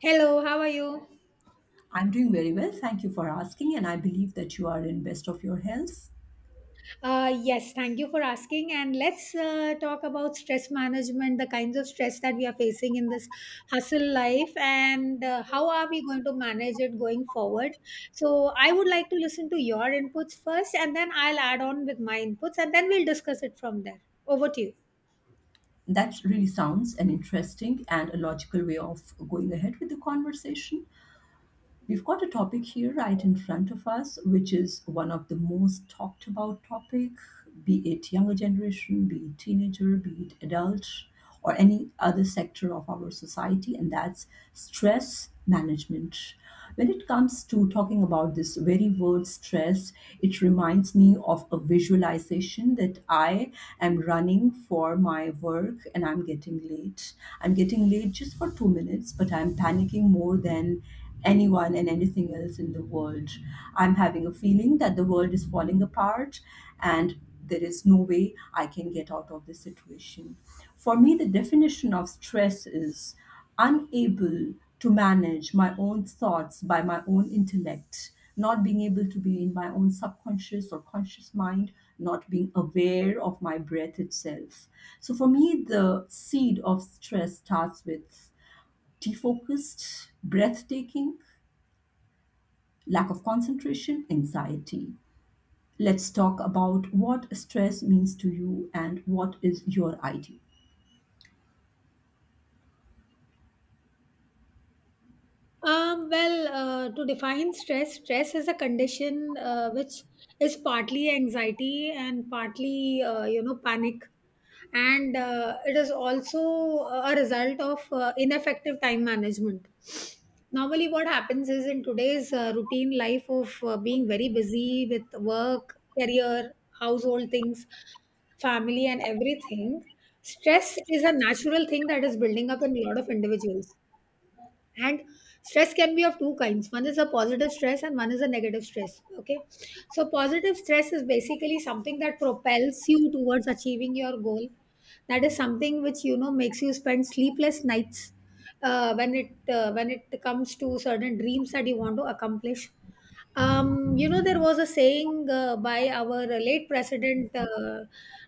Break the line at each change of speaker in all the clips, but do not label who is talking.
Hello, how are you?
I'm doing very well. Thank you for asking. And I believe that you are in best of your health.
Yes, thank you for asking. And let's talk about stress management, the kinds of stress that we are facing in this hustle life, and how are we going to manage it going forward. So, I would like to listen to your inputs first, and then I'll add on with my inputs, and then we'll discuss it from there. Over to you.
That really sounds an interesting and a logical way of going ahead with the conversation. We've got a topic here right in front of us, which is one of the most talked about topic, be it younger generation, be it teenager, be it adult, or any other sector of our society, and that's stress management. When it comes to talking about this very word stress, it reminds me of a visualization that I am running for my work and I'm getting late. I'm getting late just for 2 minutes, but I'm panicking more than anyone and anything else in the world. I'm having a feeling that the world is falling apart and there is no way I can get out of this situation. For me, the definition of stress is unable to manage my own thoughts by my own intellect, not being able to be in my own subconscious or conscious mind, not being aware of my breath itself. So for me, the seed of stress starts with defocused, breathtaking, lack of concentration, anxiety. Let's talk about what stress means to you and what is your idea.
Well, to define stress, is a condition which is partly anxiety and partly, panic. And it is also a result of ineffective time management. Normally, what happens is in today's routine life of being very busy with work, career, household things, family, and everything, stress is a natural thing that is building up in a lot of individuals, and stress can be of two kinds. One is a positive stress and one is a negative stress. Okay, so positive stress is basically something that propels you towards achieving your goal. That is something which, you know, makes you spend sleepless nights when it comes to certain dreams that you want to accomplish. You know, there was a saying by our late president,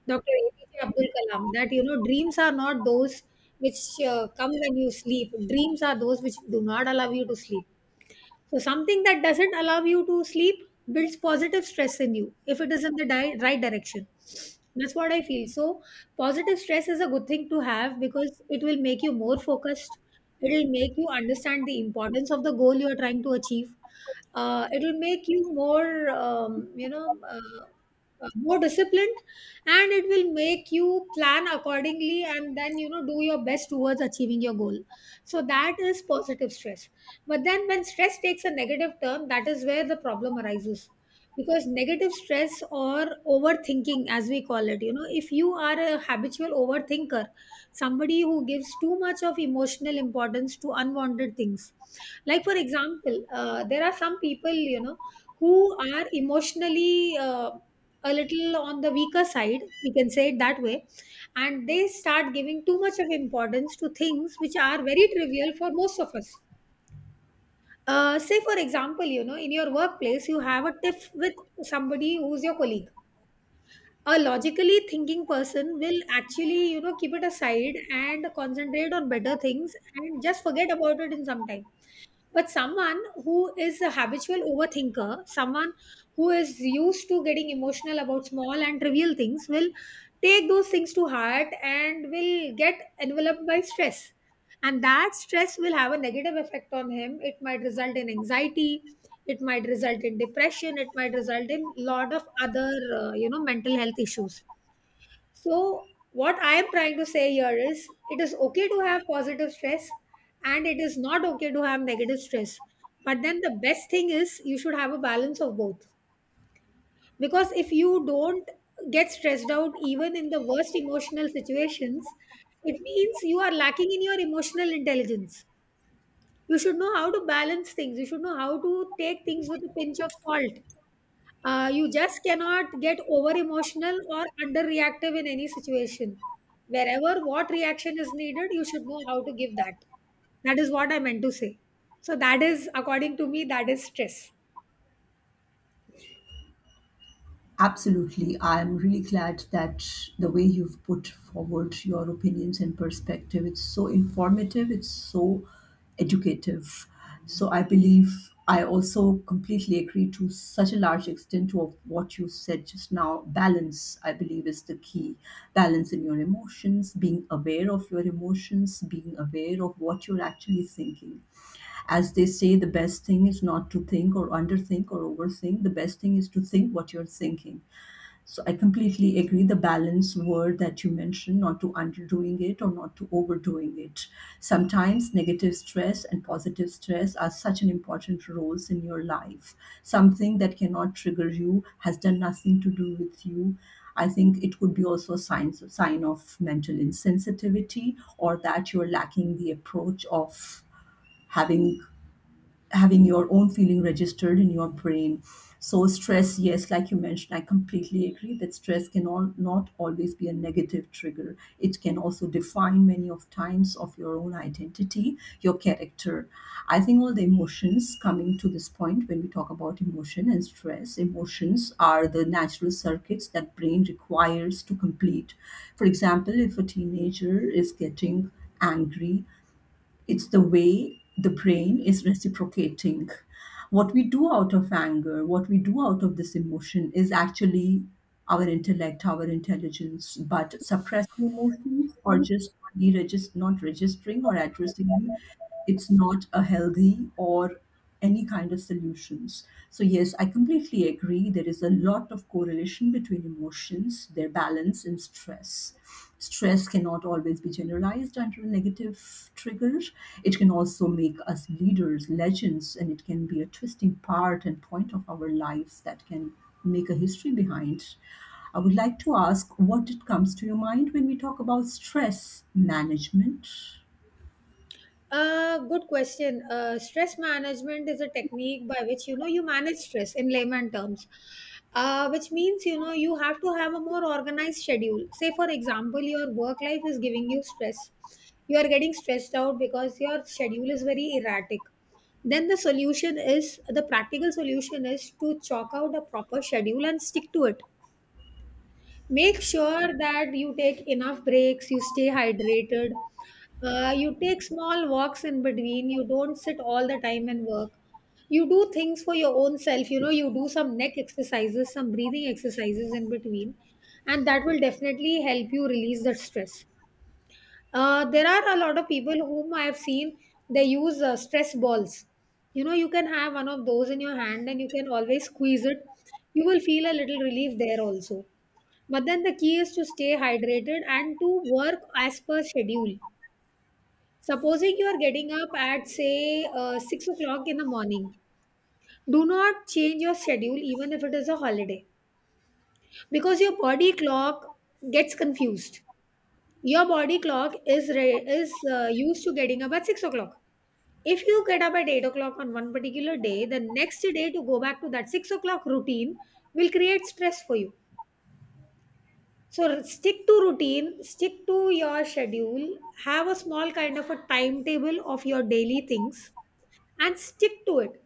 Dr. APJ Abdul Kalam, that, you know, dreams are not those which come when you sleep. Dreams are those which do not allow you to sleep. So, something that doesn't allow you to sleep builds positive stress in you if it is in the right direction. That's what I feel. So, positive stress is a good thing to have because it will make you more focused. It will make you understand the importance of the goal you are trying to achieve. It will make you more, more disciplined, and it will make you plan accordingly, and then, you know, do your best towards achieving your goal. So that is positive stress. But then when stress takes a negative turn, that is where the problem arises. Because negative stress, or overthinking, as we call it, you know, if you are a habitual overthinker, somebody who gives too much of emotional importance to unwanted things. Like, for example, there are some people, you know, who are emotionally a little on the weaker side, we can say it that way, and they start giving too much of importance to things which are very trivial for most of us. Say for example, you know, in your workplace, you have a tiff with somebody who's your colleague. A logically thinking person will actually, you know, keep it aside and concentrate on better things and just forget about it in some time. But someone who is a habitual overthinker, someone who is used to getting emotional about small and trivial things, will take those things to heart and will get enveloped by stress. And that stress will have a negative effect on him. It might result in anxiety, it might result in depression, it might result in lot of other, you know, mental health issues. So, what I am trying to say here is it is okay to have positive stress and it is not okay to have negative stress. But then the best thing is you should have a balance of both. Because if you don't get stressed out even in the worst emotional situations, it means you are lacking in your emotional intelligence. You should know how to balance things, you should know how to take things with a pinch of salt. You just cannot get over emotional or under reactive in any situation. Wherever what reaction is needed, you should know how to give that. That is what I meant to say. So that is, according to me, that is stress.
Absolutely. I'm really glad that the way you've put forward your opinions and perspective, it's so informative, it's so educative. So I believe I also completely agree to such a large extent to of what you said just now. Balance, I believe, is the key. Balance in your emotions, being aware of your emotions, being aware of what you're actually thinking. As they say, the best thing is not to think or underthink or overthink. The best thing is to think what you're thinking, so I completely agree the balance word that you mentioned, not to underdoing it or not to overdoing it. Sometimes negative stress and positive stress are such an important roles in your life. Something that cannot trigger you has done nothing to do with you. I think it could be also a sign, sign of mental insensitivity, or that you're lacking the approach of having having your own feeling registered in your brain. So stress, yes, like you mentioned, I completely agree that stress can all, not always be a negative trigger. It can also define many of times of your own identity, your character. I think all the emotions coming to this point when we talk about emotion and stress, emotions are the natural circuits that brain requires to complete. For example, if a teenager is getting angry, it's the way the brain is reciprocating. What we do out of anger, what we do out of this emotion is actually our intellect, our intelligence, but suppressing emotions or just not registering or addressing, it's not a healthy or any kind of solutions. So, yes, I completely agree. There is a lot of correlation between emotions, their balance, and stress. Stress cannot always be generalized under a negative trigger. It can also make us leaders, legends, and it can be a twisting part and point of our lives that can make a history behind. I would like to ask what it comes to your mind when we talk about stress management.
Good question. Stress management is a technique by which, you know, you manage stress in layman terms, which means, you know, you have to have a more organized schedule. Say, for example, your work life is giving you stress. You are getting stressed out because your schedule is very erratic. Then the solution is, the practical solution is to chalk out a proper schedule and stick to it. Make sure that you take enough breaks, you stay hydrated, you take small walks in between, you don't sit all the time and work. You do things for your own self, you know, you do some neck exercises, some breathing exercises in between, and that will definitely help you release the stress. There are a lot of people whom I have seen, they use stress balls. You know, you can have one of those in your hand and you can always squeeze it. You will feel a little relief there also. But then the key is to stay hydrated and to work as per schedule. Supposing you are getting up at, say, 6 o'clock in the morning, do not change your schedule even if it is a holiday, because your body clock gets confused. Your body clock is, used to getting up at 6 o'clock. If you get up at 8 o'clock on one particular day, the next day to go back to that 6 o'clock routine will create stress for you. So stick to routine, stick to your schedule, have a small kind of a timetable of your daily things and stick to it.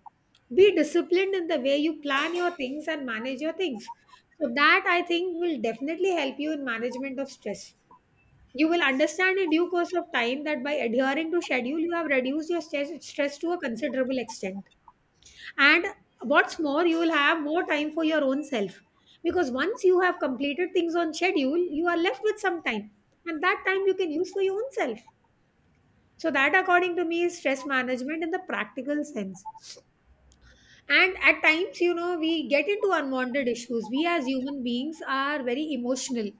Be disciplined in the way you plan your things and manage your things. So that, I think, will definitely help you in management of stress. You will understand in due course of time that by adhering to schedule, you have reduced your stress to a considerable extent, and what's more, you will have more time for your own self, because once you have completed things on schedule, you are left with some time, and that time you can use for your own self. So that, according to me, is stress management in the practical sense. And at times, you know, we get into unwanted issues. We as human beings are very emotional,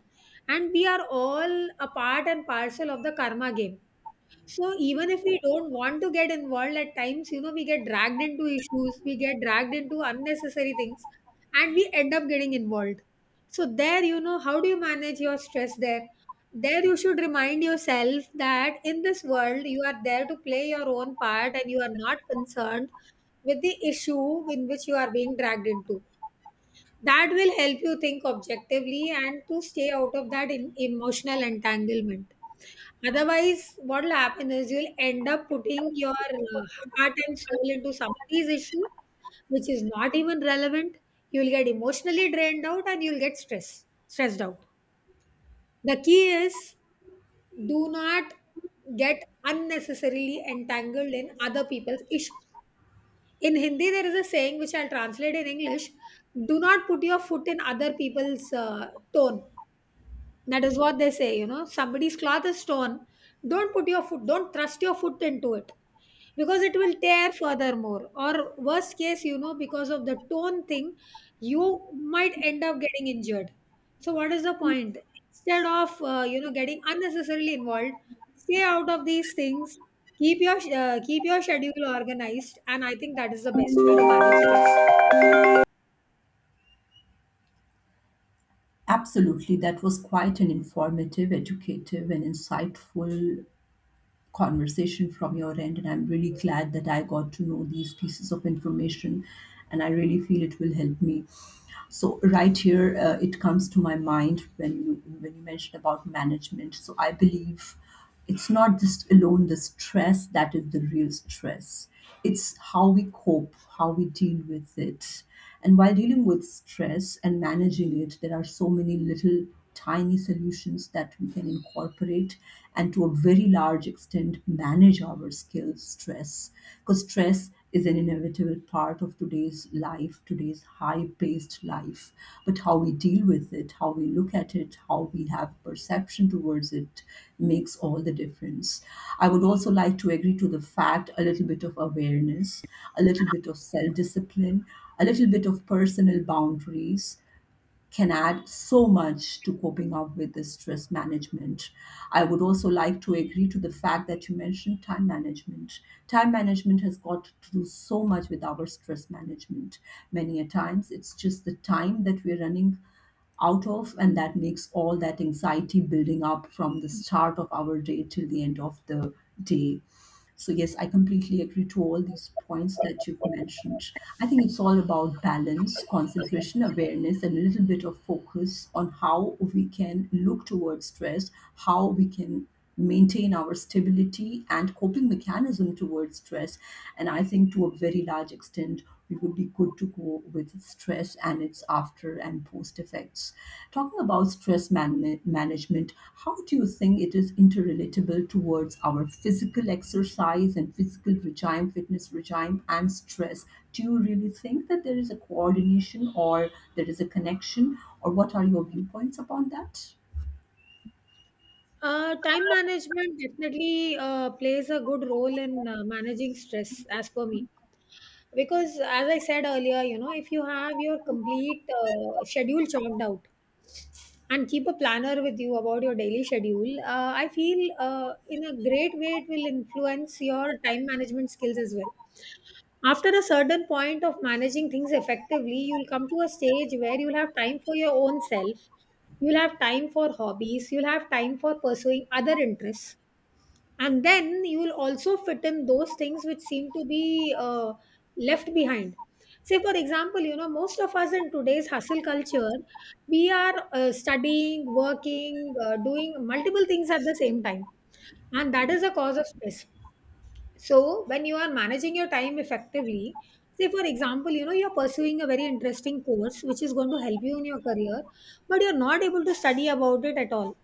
and we are all a part and parcel of the karma game. So even if we don't want to get involved at times, you know, we get dragged into issues, we get dragged into unnecessary things, and we end up getting involved. So there, you know, how do you manage your stress there? There you should remind yourself that in this world you are there to play your own part and you are not concerned with the issue in which you are being dragged into. That will help you think objectively and to stay out of that in emotional entanglement. Otherwise, what will happen is you'll end up putting your heart and soul into somebody's issue, which is not even relevant. You'll get emotionally drained out and you'll get stressed out. The key is do not get unnecessarily entangled in other people's issues. In Hindi, there is a saying which I'll translate in English: do not put your foot in other people's tone. That is what they say, you know, somebody's cloth is torn. Don't put your foot, don't thrust your foot into it, because it will tear furthermore. Or, worst case, you know, because of the tone thing, you might end up getting injured. So, what is the point? Instead of, you know, getting unnecessarily involved, stay out of these things. Keep your keep your schedule organized, and I think that is the best way to manage this.
Absolutely, that was quite an informative, educative, and insightful conversation from your end. And I'm really glad that I got to know these pieces of information, and I really feel it will help me. So right here, it comes to my mind when you mentioned about management. So I believe it's not just alone the stress that is the real stress. It's how we cope, how we deal with it. And while dealing with stress and managing it, there are so many little tiny solutions that we can incorporate and to a very large extent manage our skills stress, because stress is an inevitable part of today's life, today's high paced life. But how we deal with it, how we look at it, how we have perception towards it makes all the difference. I would also like to agree to the fact a little bit of awareness, a little bit of self discipline, a little bit of personal boundaries can add so much to coping up with the stress management. I would also like to agree to the fact that you mentioned time management. Time management has got to do so much with our stress management. Many a times it's just the time that we're running out of, and that makes all that anxiety building up from the start of our day till the end of the day. So yes, I completely agree to all these points that you've mentioned. I think it's all about balance, concentration, awareness, and a little bit of focus on how we can look towards stress, how we can maintain our stability and coping mechanism towards stress. And I think to a very large extent, we would be good to go with stress and its after and post effects. Talking about management, how do you think it is interrelatable towards our physical exercise and physical regime, fitness regime, and stress? Do you really think that there is a coordination or there is a connection, or what are your viewpoints upon that?
Time management definitely plays a good role in managing stress, as per me. Because, as I said earlier, you know, if you have your complete schedule chalked out and keep a planner with you about your daily schedule, I feel in a great way it will influence your time management skills as well. After a certain point of managing things effectively, you'll come to a stage where you'll have time for your own self, you'll have time for hobbies, you'll have time for pursuing other interests, and then you will also fit in those things which seem to be left behind. Say, for example, you know, most of us in today's hustle culture, we are studying, working, doing multiple things at the same time, and that is a cause of stress. So when you are managing your time effectively, say for example, you know, you're pursuing a very interesting course which is going to help you in your career, but you're not able to study about it at all.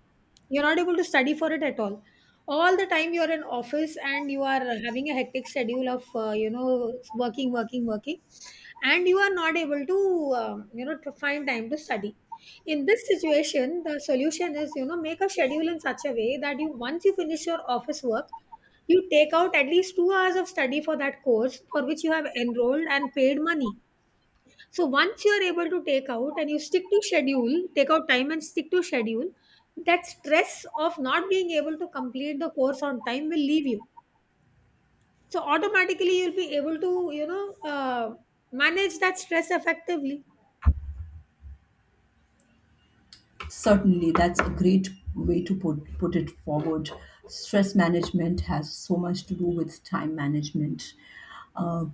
You're not able to study for it at all. All the time you're in office and you are having a hectic schedule of you know, working, working, working, and you are not able to you know, to find time to study. In this situation the solution is, you know, make a schedule in such a way that you, once you finish your office work, you take out at least 2 hours of study for that course for which you have enrolled and paid money. So once you are able to take out and you stick to schedule, take out time and stick to schedule, that stress of not being able to complete the course on time will leave you. So automatically you'll be able to, you know, manage that stress effectively.
Certainly, that's a great way to put it forward. Stress management has so much to do with time management. Uh,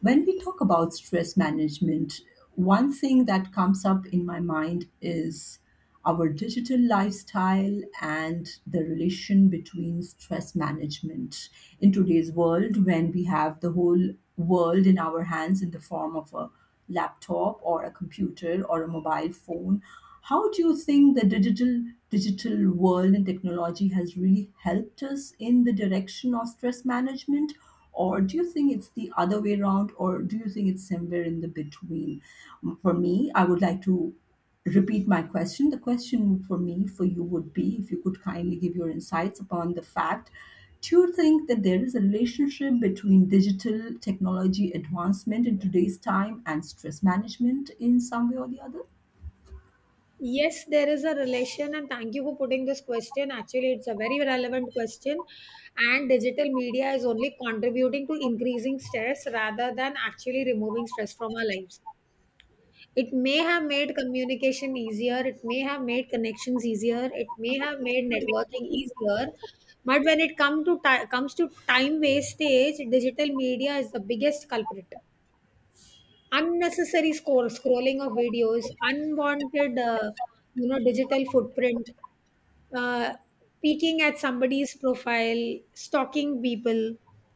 when we talk about stress management, one thing that comes up in my mind is our digital lifestyle and the relation between stress management in today's world, when we have the whole world in our hands in the form of a laptop or a computer or a mobile phone. How do you think the digital world and technology has really helped us in the direction of stress management, or do you think it's the other way around, or do you think it's somewhere in the between? For me, I would like to repeat my question. The question for me, for you, would be: if you could kindly give your insights upon the fact, do you think that there is a relationship between digital technology advancement in today's time and stress management in some way or the other?
Yes, there is a relation, and thank you for putting this question. Actually, it's a very relevant question, and digital media is only contributing to increasing stress rather than actually removing stress from our lives. It may have made communication easier, it may have made connections easier, it may have made networking easier, but when it come to ti- comes to time wastage, digital media is the biggest culprit. Unnecessary scrolling of videos, unwanted, you know, digital footprint, uh, peeking at somebody's profile, stalking people,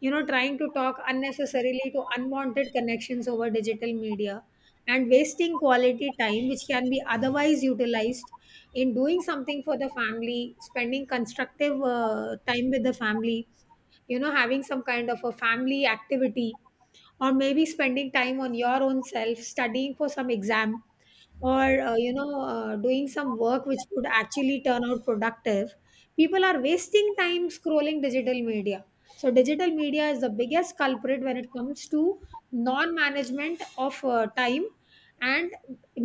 you know, trying to talk unnecessarily to unwanted connections over digital media, and wasting quality time which can be otherwise utilized in doing something for the family, spending constructive time with the family, you know, having some kind of a family activity, or maybe spending time on your own self studying for some exam, or you know, doing some work which could actually turn out productive. People are wasting time scrolling digital media. So digital media is the biggest culprit when it comes to non management of time, and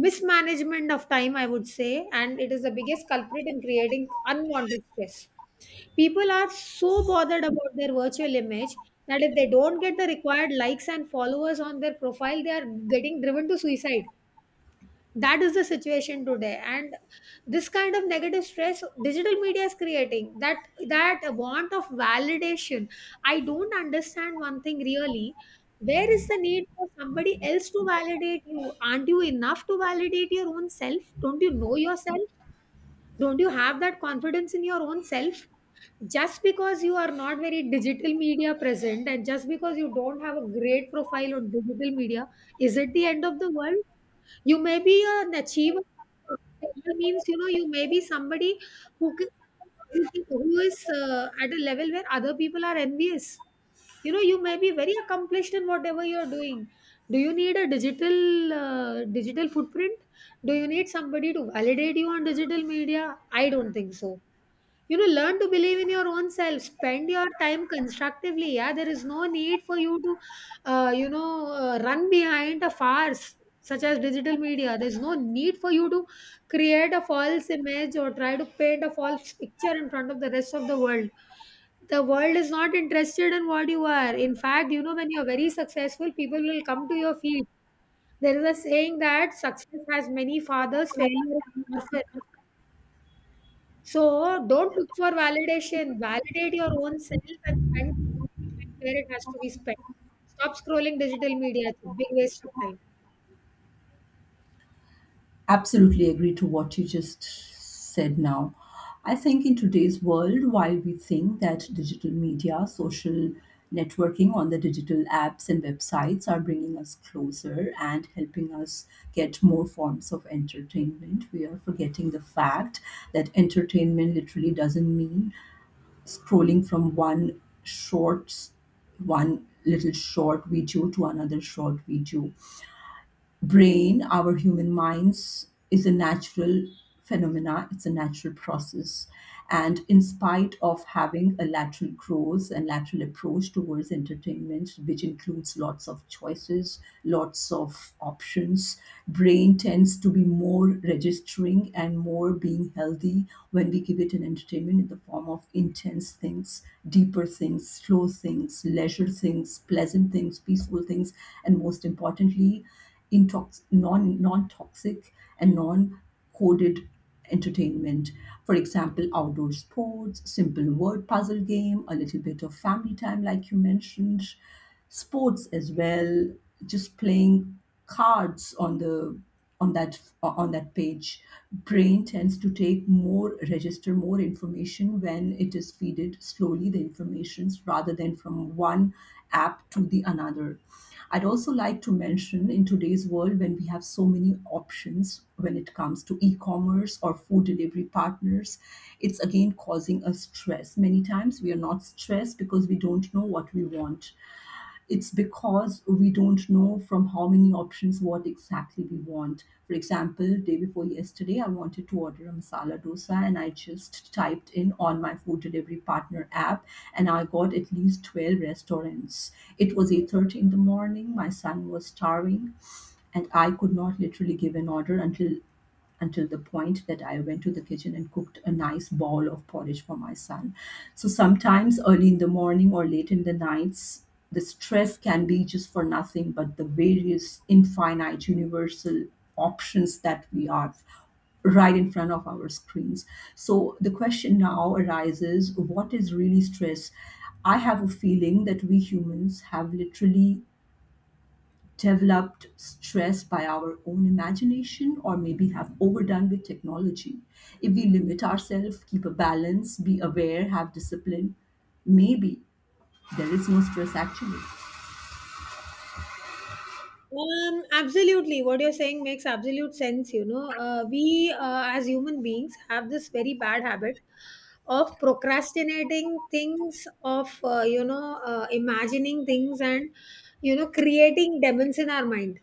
mismanagement of time, I would say, and it is the biggest culprit in creating unwanted stress. People are so bothered about their virtual image that if they don't get the required likes and followers on their profile, they are getting driven to suicide. That is the situation today, and this kind of negative stress digital media is creating, that want of validation. I don't understand one thing really. Where is the need for somebody else to validate you? Aren't you enough to validate your own self? Don't you know yourself? Don't you have that confidence in your own self? Just because you are not very digital media present and just because you don't have a great profile on digital media, is it the end of the world? You may be an achiever. Achiever means, you know, you may be somebody who can, who is at a level where other people are envious. You know, you may be very accomplished in whatever you are doing. Do you need a digital digital footprint? Do you need somebody to validate you on digital media? I don't think so. You know, learn to believe in your own self, spend your time constructively. Yeah, there is no need for you to you know, run behind a farce such as digital media. There's no need for you to create a false image or try to paint a false picture in front of the rest of the world. The world is not interested in what you are. In fact, you know, when you're very successful, people will come to your feet. There is a saying that success has many fathers, failure is an orphan. So, don't look for validation. Validate your own self and spend quality time where it has to be spent. Stop scrolling digital media. It's a big waste of time.
Absolutely agree to what you just said now. I think in today's world, while we think that digital media, social networking on the digital apps and websites are bringing us closer and helping us get more forms of entertainment, we are forgetting the fact that entertainment literally doesn't mean scrolling from one little short video to another short video. Brain, our human minds, is a natural phenomena. It's a natural process. And in spite of having a lateral growth and lateral approach towards entertainment, which includes lots of choices, lots of options, brain tends to be more registering and more being healthy when we give it an entertainment in the form of intense things, deeper things, slow things, leisure things, pleasant things, peaceful things, and most importantly, non toxic and non coded entertainment. For example, outdoor sports, simple word puzzle game, a little bit of family time, like you mentioned, sports as well, just playing cards on the on that page. Brain tends to take more register more information when it is feeded slowly the informations rather than from one app to the another. I'd also like to mention in today's world when we have so many options when it comes to e-commerce or food delivery partners, it's again causing us stress. Many times we are not stressed because we don't know what we want. It's because we don't know from how many options what exactly we want. For example, day before yesterday, I wanted to order a masala dosa and I just typed in on my food delivery partner app, and I got at least 12 restaurants. It was 8:30 in the morning, my son was starving, and I could not literally give an order until the point that I went to the kitchen and cooked a nice bowl of porridge for my son. So sometimes early in the morning or late in the nights, the stress can be just for nothing but the various infinite universal options that we are right in front of our screens. So the question now arises, what is really stress? I have a feeling that we humans have literally developed stress by our own imagination, or maybe have overdone with technology. If we limit ourselves, keep a balance, be aware, have discipline, maybe there is no stress actually.
Absolutely. What you're saying makes absolute sense. You know, we, as human beings have this very bad habit of procrastinating things, of you know, imagining things, and you know, creating demons in our mind.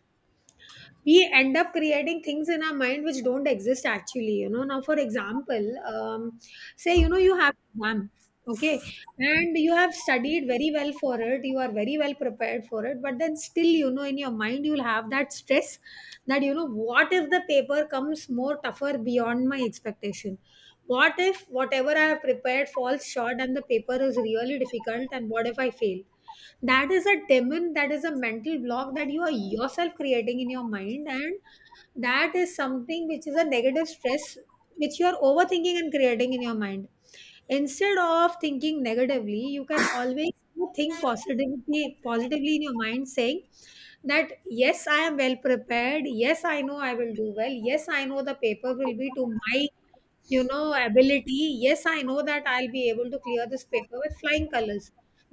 We end up creating things in our mind which don't exist actually. You know, now for example, say, you know, you have exam, okay, and you have studied very well for it, you are very well prepared for it, but then still, you know, in your mind you'll have that stress that, you know, what if the paper comes more tougher beyond my expectation, what if whatever I have prepared falls short and the paper is really difficult, and what if I fail? That is a demon, that is a mental block that you are yourself creating in your mind, and that is something which is a negative stress which you are overthinking and creating in your mind. Instead of thinking negatively, you can always think positively in your mind, saying that yes, I am well prepared, yes, I know I will do well, yes, I know the paper will be to my, you know, ability, yes, I know that I'll be able to clear this paper with flying colors.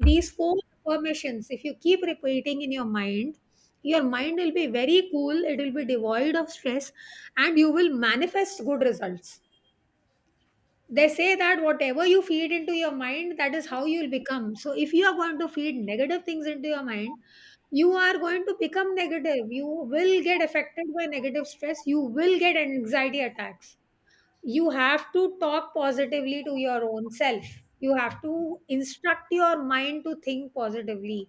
These four affirmations, if you keep repeating in your mind, your mind will be very cool, it will be devoid of stress, and you will manifest good results. They say that whatever you feed into your mind, that is how you'll become. So if you are going to feed negative things into your mind, you are going to become negative, you will get affected by negative stress, you will get anxiety attacks. You have to talk positively to your own self, you have to instruct your mind to think positively.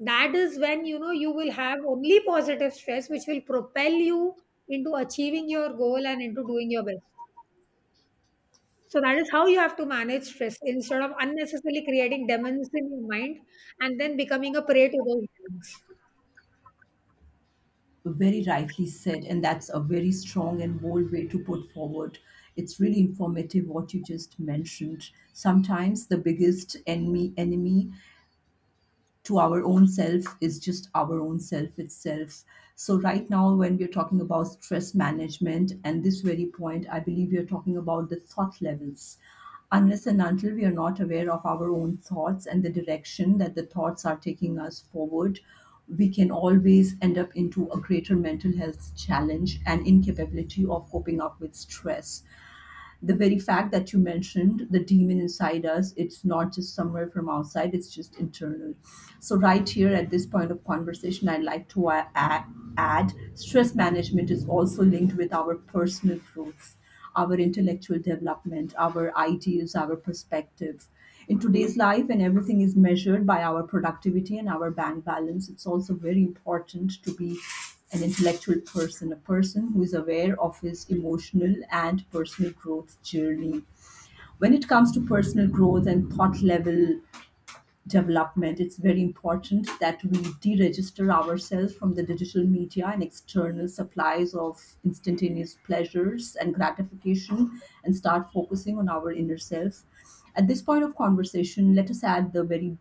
That is when, you know, you will have only positive stress which will propel you into achieving your goal and into doing your best. So that is how you have to manage stress instead of unnecessarily creating demons in your mind and then becoming a prey to those demons.
Very rightly said, and that's a very strong and bold way to put forward. It's really informative what you just mentioned. Sometimes the biggest enemy to our own self is just our own self itself. So, right now, when we're talking about stress management and this very point, I believe we are talking about the thought levels. Unless and until we are not aware of our own thoughts and the direction that the thoughts are taking us forward, we can always end up into a greater mental health challenge and incapability of coping up with stress. The very fact that you mentioned the demon inside us, it's not just somewhere from outside, it's just internal. So right here at this point of conversation, I'd like to add, stress management is also linked with our personal growth, our intellectual development, our ideas, our perspective. In today's life and everything is measured by our productivity and our bank balance, it's also very important to be an intellectual person, a person who is aware of his emotional and personal growth journey. When it comes to personal growth and thought level development, it's very important that we deregister ourselves from the digital media and external supplies of instantaneous pleasures and gratification and start focusing on our inner self. At this point of conversation, let us add the very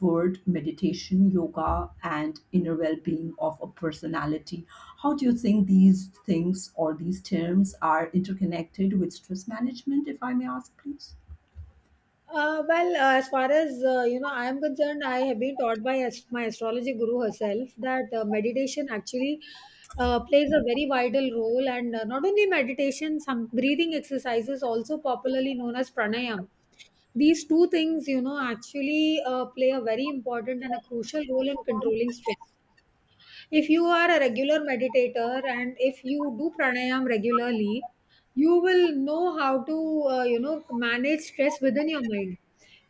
word meditation, yoga, and inner well being of a personality. How do you think these things or these terms are interconnected with stress management, if I may ask, please?
Well, as far as you know, I am concerned, I have been taught by my astrology guru herself that meditation actually plays a very vital role, and not only meditation, some breathing exercises, also popularly known as pranayam. These two things, you know, actually play a very important and a crucial role in controlling stress. If you are a regular meditator and if you do pranayam regularly, you will know how to you know, manage stress within your mind.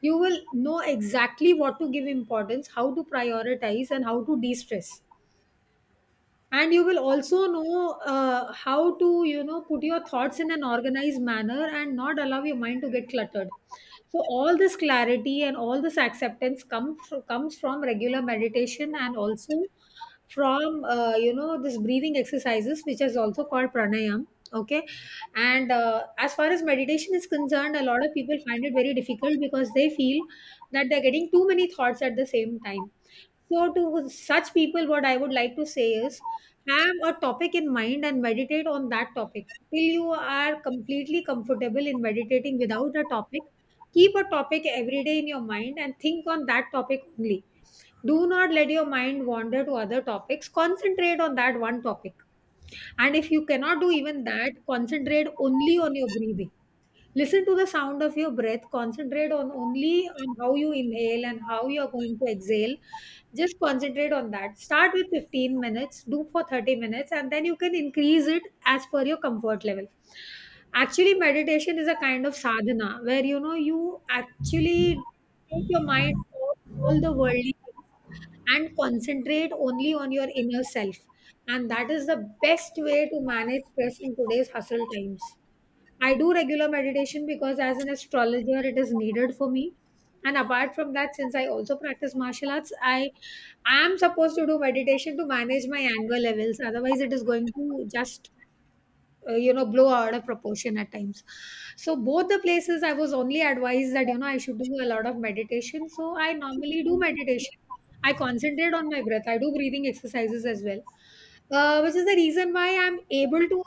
You will know exactly what to give importance, how to prioritize, and how to de-stress, and you will also know how to, you know, put your thoughts in an organized manner and not allow your mind to get cluttered. So all this clarity and all this acceptance comes from regular meditation and also from you know, this breathing exercises which is also called pranayam. Okay. And as far as meditation is concerned, a lot of people find it very difficult because they feel that they're getting too many thoughts at the same time. So to such people, what I would like to say is have a topic in mind and meditate on that topic till you are completely comfortable in meditating without a topic. Keep a topic every day in your mind and think on that topic only. Do not let your mind wander to other topics, concentrate on that one topic. And if you cannot do even that, concentrate only on your breathing. Listen to the sound of your breath. Concentrate on only on how you inhale and how you're going to exhale. Just concentrate on that. Start with 15 minutes, do for 30 minutes, and then you can increase it as per your comfort level. Actually, meditation is a kind of sadhana where, you know, you actually take your mind off all the worldly things and concentrate only on your inner self. And that is the best way to manage stress in today's hustle times. I do regular meditation because as an astrologer it is needed for me. And apart from that, since I also practice martial arts, I am supposed to do meditation to manage my anger levels. Otherwise, it is going to just you know, blow out of proportion at times. So both the places I was only advised that, you know, I should do a lot of meditation. So I normally do meditation. I concentrate on my breath. I do breathing exercises as well, which is the reason why I'm able to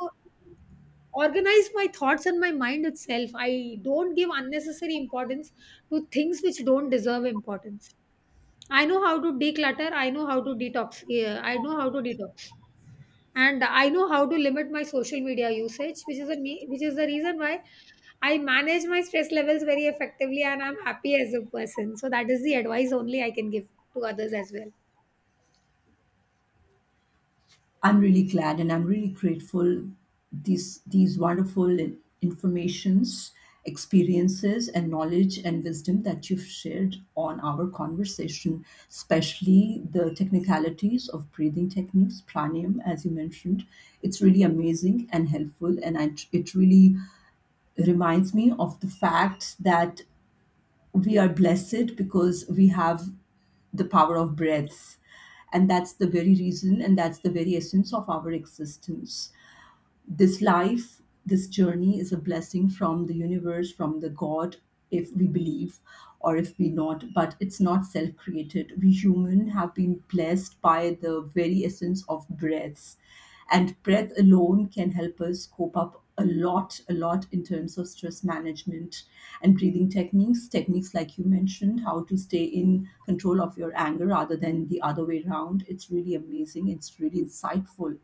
organize my thoughts and my mind itself. I don't give unnecessary importance to things which don't deserve importance. I know how to declutter, I know how to detox. Yeah, I know how to detox, and I know how to limit my social media usage, which is which is the reason why I manage my stress levels very effectively and I'm happy as a person. So that is the advice only I can give to others as well.
I'm really glad and I'm really grateful these wonderful informations, experiences and knowledge and wisdom that you've shared on our conversation, especially the technicalities of breathing techniques, pranayam as you mentioned. It's really amazing and helpful, and I, it really reminds me of the fact that we are blessed because we have the power of breaths. And that's the very reason and that's the very essence of our existence. This life, this journey is a blessing from the universe, from the God, if we believe or if we not, but it's not self created. We human have been blessed by the very essence of breaths, and breath alone can help us cope up a lot in terms of stress management and breathing techniques. Techniques like you mentioned, how to stay in control of your anger rather than the other way around. It's really amazing, it's really insightful,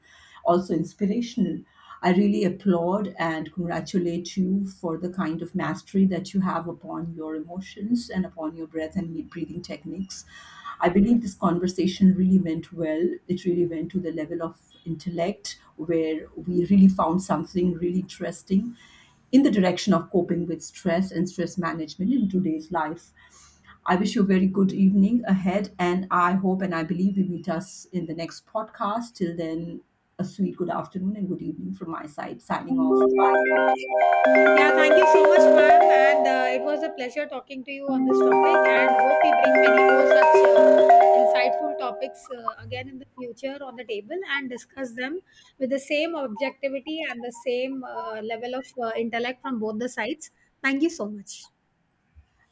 also inspirational. I really applaud and congratulate you for the kind of mastery that you have upon your emotions and upon your breath and breathing techniques. I believe this conversation really went well. It really went to the level of intellect where we really found something really interesting in the direction of coping with stress and stress management in today's life. I wish you a very good evening ahead, and I hope and I believe we meet us in the next podcast. Till then, a sweet good afternoon and good evening from my side. Signing off. Bye.
Yeah, thank you so much, ma'am. And it was a pleasure talking to you on this topic. And hope we bring many more such insightful topics again in the future on the table and discuss them with the same objectivity and the same level of intellect from both the sides. Thank you so much.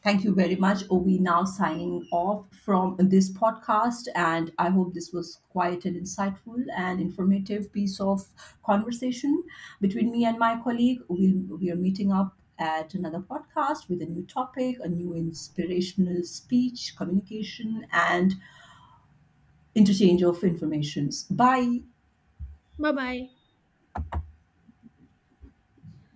Thank you very much. Ovi now signing off from this podcast, and I hope this was quite an insightful and informative piece of conversation between me and my colleague. We are meeting up at another podcast with a new topic, a new inspirational speech, communication, and interchange of informations by
Bye bye.